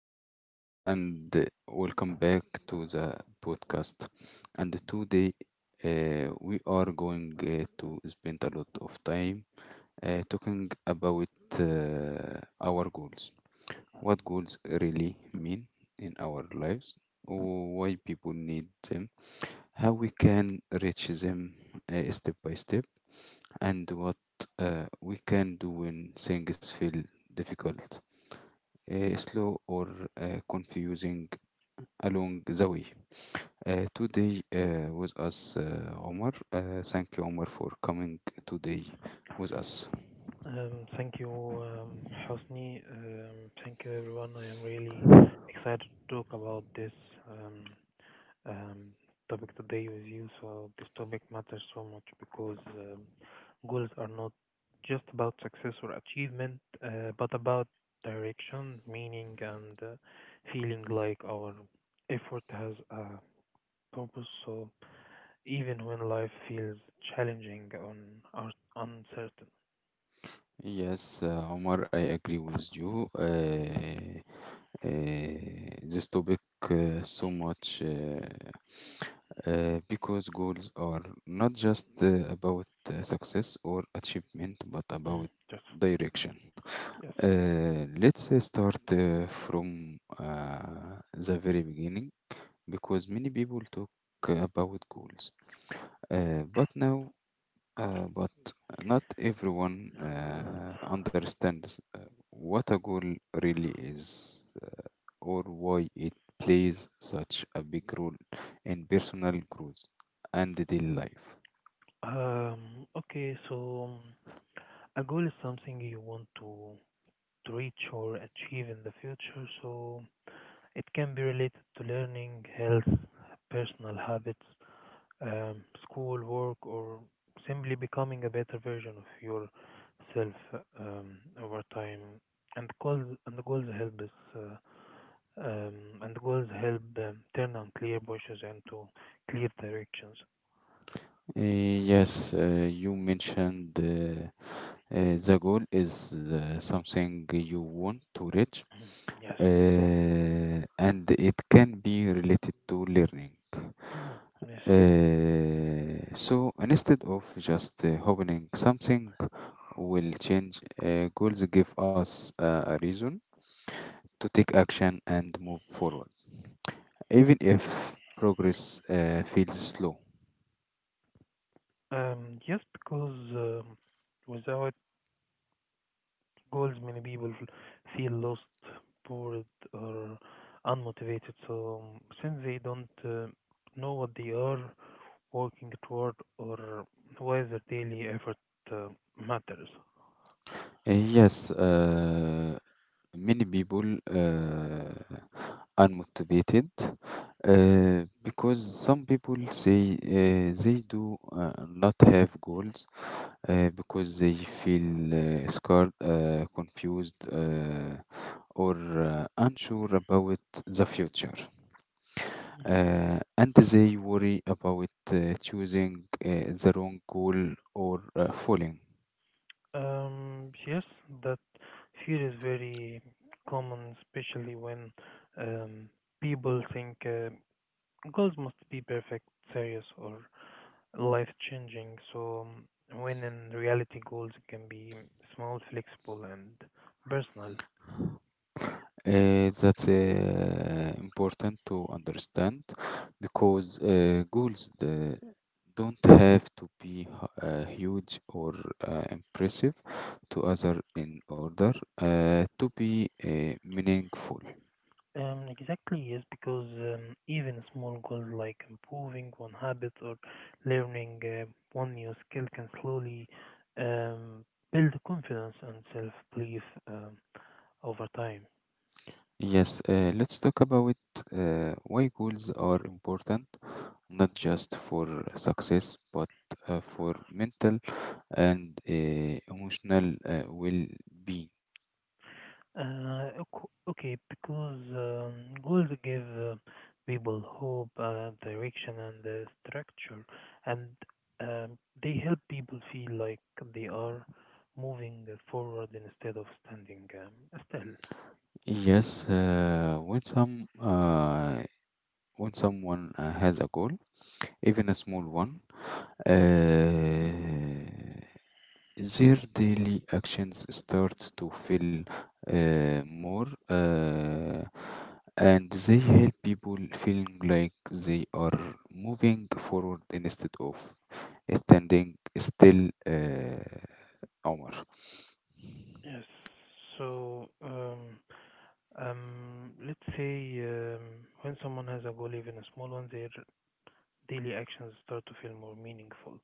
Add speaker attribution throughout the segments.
Speaker 1: everyone, and welcome back to the podcast. And today, we are going to spend a lot of time talking about uh, our goals. What goals really mean in our lives, why people need them, how we can reach them, step by step, and what we can do when things feel difficult, slow or confusing along the way. Today with us, Omar. Thank you, Omar, for coming today with us.
Speaker 2: Thank you, Hosni. Thank you, everyone. I am really excited to talk about this um, um, topic today with you. So, this topic matters so much because goals are not just about success or achievement, but about direction, meaning, and feeling like our effort has a purpose. So, even when life feels challenging or uncertain.
Speaker 1: Yes, Omar, I agree with you. Uh, this topic so much, because goals are not just about success or achievement, but about
Speaker 2: Just
Speaker 1: direction.
Speaker 2: yes.
Speaker 1: Let's start from the very beginning, because many people talk about goals, uh, but now, but not everyone understands what a goal really is, or why it plays such a big role in personal growth and daily life.
Speaker 2: Okay, so a goal is something you want to reach or achieve in the future, so it can be related to learning, health, personal habits, school, work, or simply becoming a better version of yourself over time. And goals and the goals help us, uh, um, and goals help turn unclear bushes into clear directions.
Speaker 1: Yes, you mentioned, the goal is something you want to reach,
Speaker 2: Yes.
Speaker 1: and it can be related to learning.
Speaker 2: Yes.
Speaker 1: So instead of just hoping something will change, goals give us a reason to take action and move forward, even if progress feels slow.
Speaker 2: Yes, because without goals, many people feel lost, bored, or unmotivated. So, since they don't know what they are working toward or why their daily effort uh, matters.
Speaker 1: Uh, yes, uh, Many people unmotivated, because some people say they do not have goals because they feel scared, confused, or unsure about the future.
Speaker 2: Mhm.
Speaker 1: And they worry about choosing the wrong goal or falling.
Speaker 2: Yes, that fear is very common, especially when um, people think goals must be perfect, serious, or life changing. So, when in reality, goals can be small, flexible, and personal.
Speaker 1: That's important to understand because goals don't have to be huge or impressive to other in order to be meaningful.
Speaker 2: Exactly, yes, because even small goals like improving one habit or learning one new skill can slowly um, build confidence and self belief um, over time.
Speaker 1: Yes, let's talk about why goals are important, not just for success, but for mental and emotional well-being.
Speaker 2: Okay, because goals give people hope, direction, and structure, and they help people feel like they are moving forward instead of standing still.
Speaker 1: Yes, when someone has a goal, even a small one, uh, their daily actions start to feel more, and they help people feeling like they are moving forward instead of standing still. Omar.
Speaker 2: Yes. So, let's say when someone has a goal, even a small one, their daily actions start to feel more meaningful.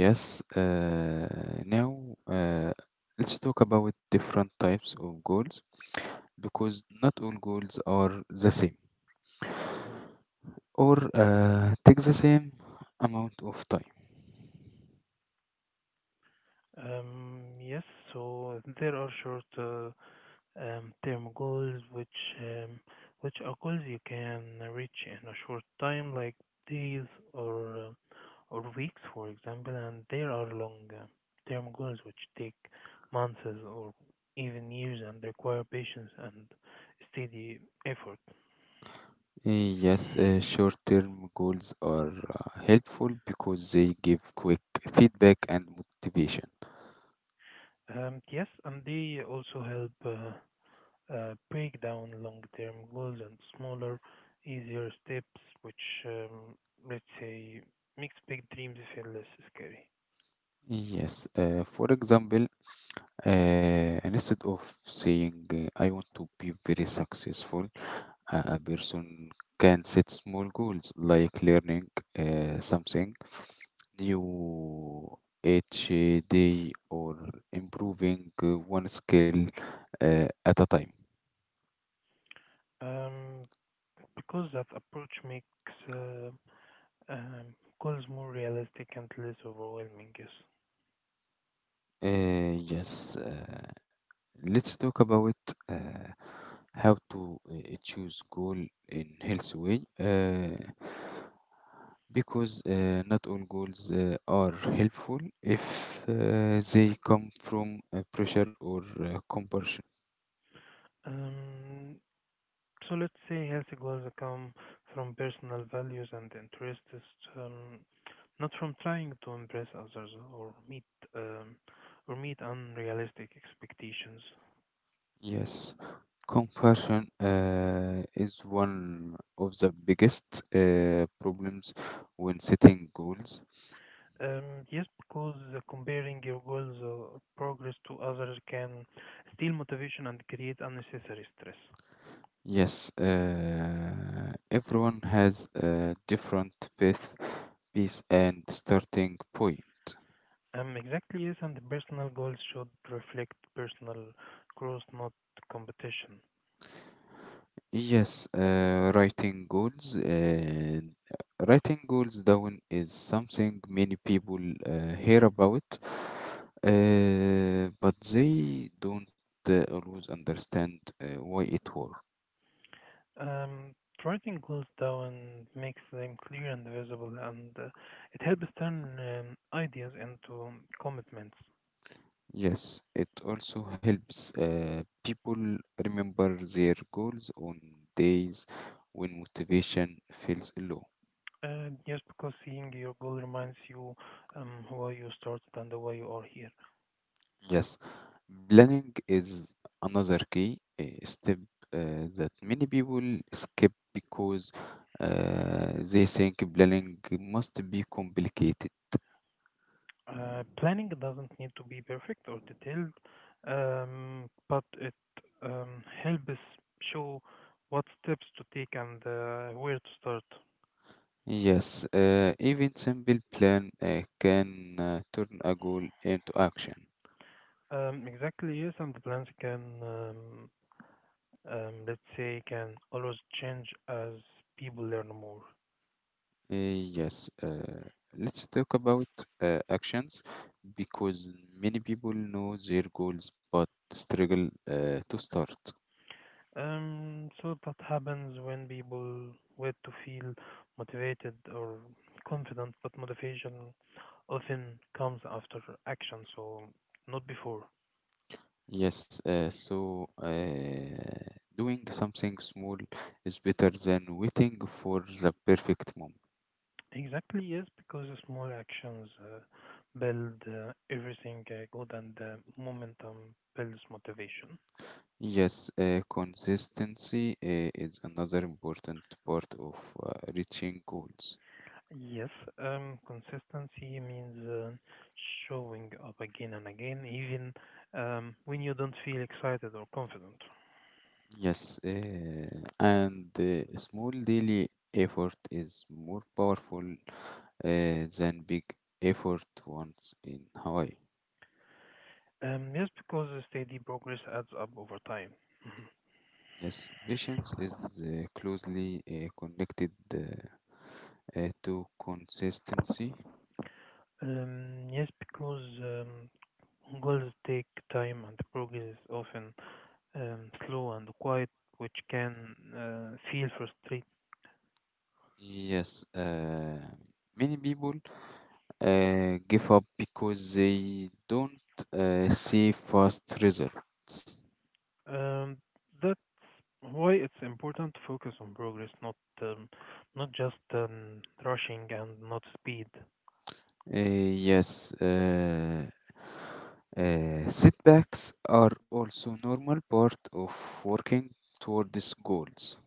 Speaker 1: Yes, now let's talk about different types of goals because not all goals are the same
Speaker 2: Mhm.
Speaker 1: or take the same amount of time.
Speaker 2: Yes. So there are short term goals, which are goals you can reach in a short time, like days or uh, or weeks, for example. And there are long term goals which take months or even years and require patience and steady effort.
Speaker 1: Yes, short-term goals are helpful because they give quick feedback and motivation.
Speaker 2: Yes, and they also help break down long term goals and smaller, easier steps, which um, let's say makes big dreams feel less scary.
Speaker 1: Yes, for example, Uh, and instead of saying, I want to be very successful, a person can set small goals like learning something new each day or improving one skill at a time.
Speaker 2: Um, because that approach makes uh, um, goals more realistic and less overwhelming, yes.
Speaker 1: Uh, yes. Uh, Let's talk about uh, how to choose goal in healthy way. Because not all goals are helpful if they come from pressure or compulsion.
Speaker 2: Um, so let's say healthy goals come from personal values and interests, um, not from trying to impress others or um, meet unrealistic expectations.
Speaker 1: Yes, compulsion is one of the biggest problems when setting goals.
Speaker 2: Yes, because comparing your goals or progress to others can steal motivation and create unnecessary stress.
Speaker 1: Yes, everyone has a different path, piece, and starting point.
Speaker 2: Exactly, yes, and the personal goals should reflect personal growth, not competition.
Speaker 1: Yes, writing goals down is something many people hear about, but they don't always understand why it works.
Speaker 2: Um, Writing goals down makes them clear and visible, and it helps turn ideas into commitments.
Speaker 1: Yes, it also helps people remember their goals on days when motivation feels low.
Speaker 2: Just because seeing your goal reminds you why you started and why you are here.
Speaker 1: Yes, planning is another key step that many people skip because they think planning must be complicated.
Speaker 2: Planning doesn't need to be perfect or detailed, but it helps show what steps to take and where to start.
Speaker 1: Yes, even simple plan can turn a goal into action.
Speaker 2: Exactly, yes, and the plans can, let's say, can always change as people learn more.
Speaker 1: Uh, yes, uh, let's talk about actions because many people know their goals but struggle to start.
Speaker 2: So that happens when people wait to feel motivated or confident, but motivation often comes after action, so not before.
Speaker 1: Yes, doing something small is better than waiting for the perfect moment.
Speaker 2: Exactly, yes, because the small actions build everything good and momentum builds motivation.
Speaker 1: Yes, consistency is another important part of uh, reaching goals.
Speaker 2: Yes, consistency means showing up again and again, even when you don't feel excited or confident.
Speaker 1: Yes, and small daily effort is more powerful than big effort once in Hawaii.
Speaker 2: Yes, because the steady progress adds up over time. Mhm.
Speaker 1: Yes, patience is closely connected to consistency.
Speaker 2: Yes, because goals take time and progress is often slow and quiet, which can feel frustrating.
Speaker 1: Yes, many people give up because they don't see fast results.
Speaker 2: Um, that's why it's important to focus on progress, um, not just rushing and not speed.
Speaker 1: Yes, setbacks are also normal part of working toward these goals.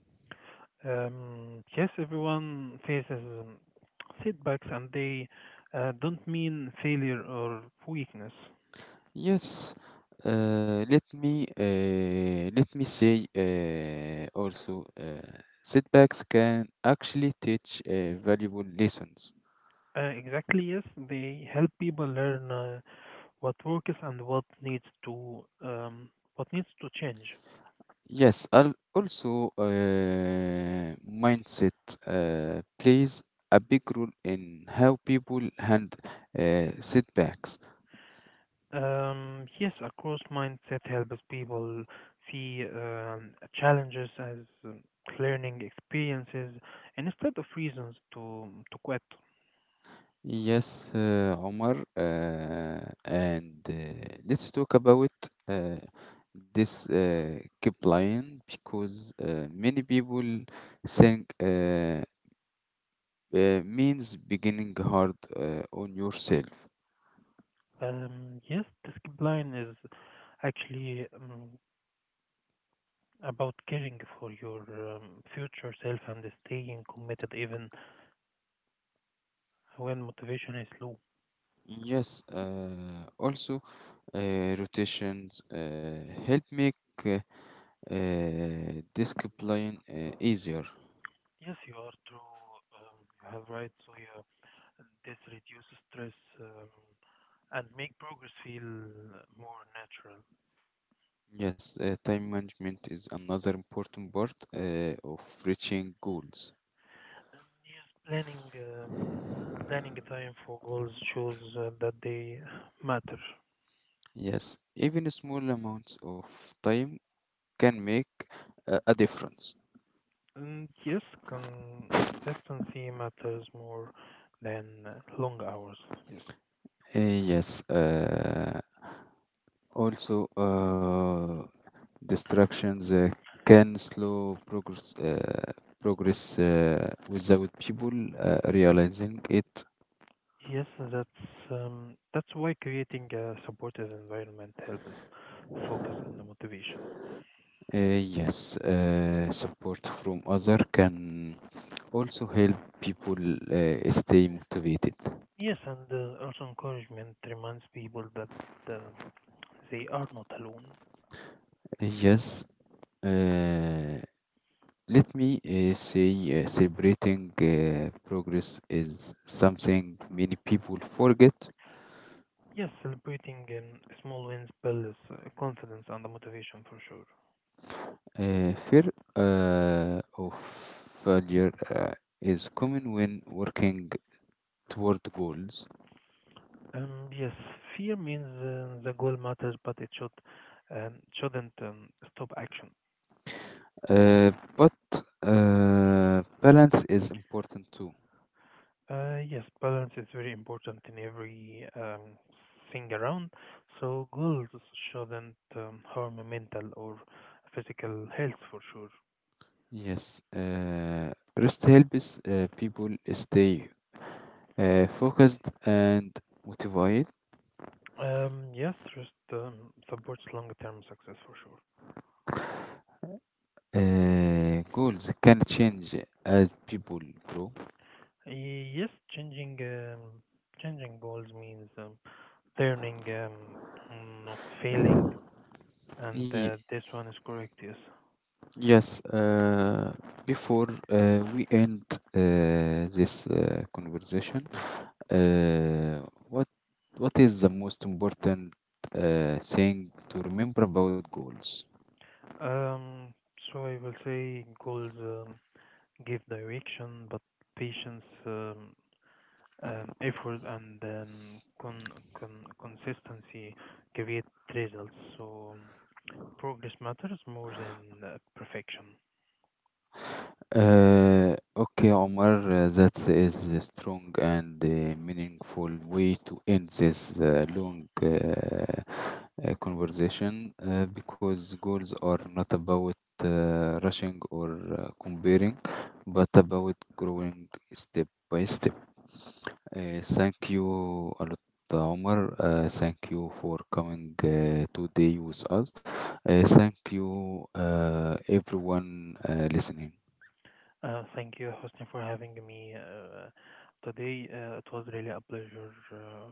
Speaker 2: Yes, everyone faces setbacks, and they don't mean failure or weakness.
Speaker 1: Yes, let me say, also setbacks can actually teach valuable lessons.
Speaker 2: Exactly, yes, they help people learn what works and what needs to change.
Speaker 1: Yes, I'll also mindset plays a big role in how people handle setbacks.
Speaker 2: Yes, a growth mindset helps people see challenges as um, learning experiences and instead of reasons to quit.
Speaker 1: Yes, Omar, and let's talk about uh, this keep line because many people think means beginning hard on yourself.
Speaker 2: Yes, the skip line is actually about caring for your future self and staying committed even when motivation is low.
Speaker 1: Yes, also rotations help make uh, this keep line easier.
Speaker 2: Yes, you are true. You have right. So yeah, this reduces stress and make progress feel more natural.
Speaker 1: Yes, time management is another important part of reaching goals.
Speaker 2: Yes planning a time for goals shows that they matter.
Speaker 1: Yes, even small amounts of time can make a difference.
Speaker 2: And yes, consistency matters more than long hours. Yes,
Speaker 1: Yes, also Distractions can slow progress without people realizing it.
Speaker 2: yes, that's why creating a supportive environment helps focus on the motivation.
Speaker 1: Uh, yes, Support from other can also help people stay motivated.
Speaker 2: Yes, and also encouragement reminds people that uh, they are not alone.
Speaker 1: Eh, Yes, uh, Let me uh, say, celebrating progress is something many people forget.
Speaker 2: Yes, celebrating small wins builds confidence and the motivation for sure.
Speaker 1: Fear of failure is common when working toward goals,
Speaker 2: Yes, fear means the goal matters, but it shouldn't stop action.
Speaker 1: but balance is important too.
Speaker 2: Yes, balance is very important in every thing around. So goals shouldn't harm mental or physical health for sure.
Speaker 1: Yes, rest helps people stay focused and motivated.
Speaker 2: Yes, trust supports long-term success for sure.
Speaker 1: Goals can change as people grow.
Speaker 2: Yes, changing um, changing goals means turning not failing, and
Speaker 1: Ye-
Speaker 2: this one is correct. Yes.
Speaker 1: Yes, before we end this conversation, uh, what what is the most important thing to remember about goals?
Speaker 2: Um, so I will say goals give direction, but patience, effort, and consistency create results. So progress matters more than perfection.
Speaker 1: Okay, Omar, that is a strong and meaningful way to end this long conversation because goals are not about rushing or comparing, but about growing step by step. Thank you a lot, Omar. Thank you for coming today with us. Thank you, everyone listening.
Speaker 2: Thank you, Hosni, for having me today. It was really a pleasure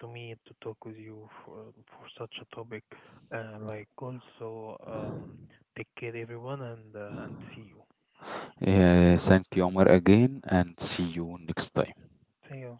Speaker 2: to me to talk with you for such a topic like goals. So take care, everyone, and see you.
Speaker 1: Yeah, thank you, Omar, again, and see you next time.
Speaker 2: See you.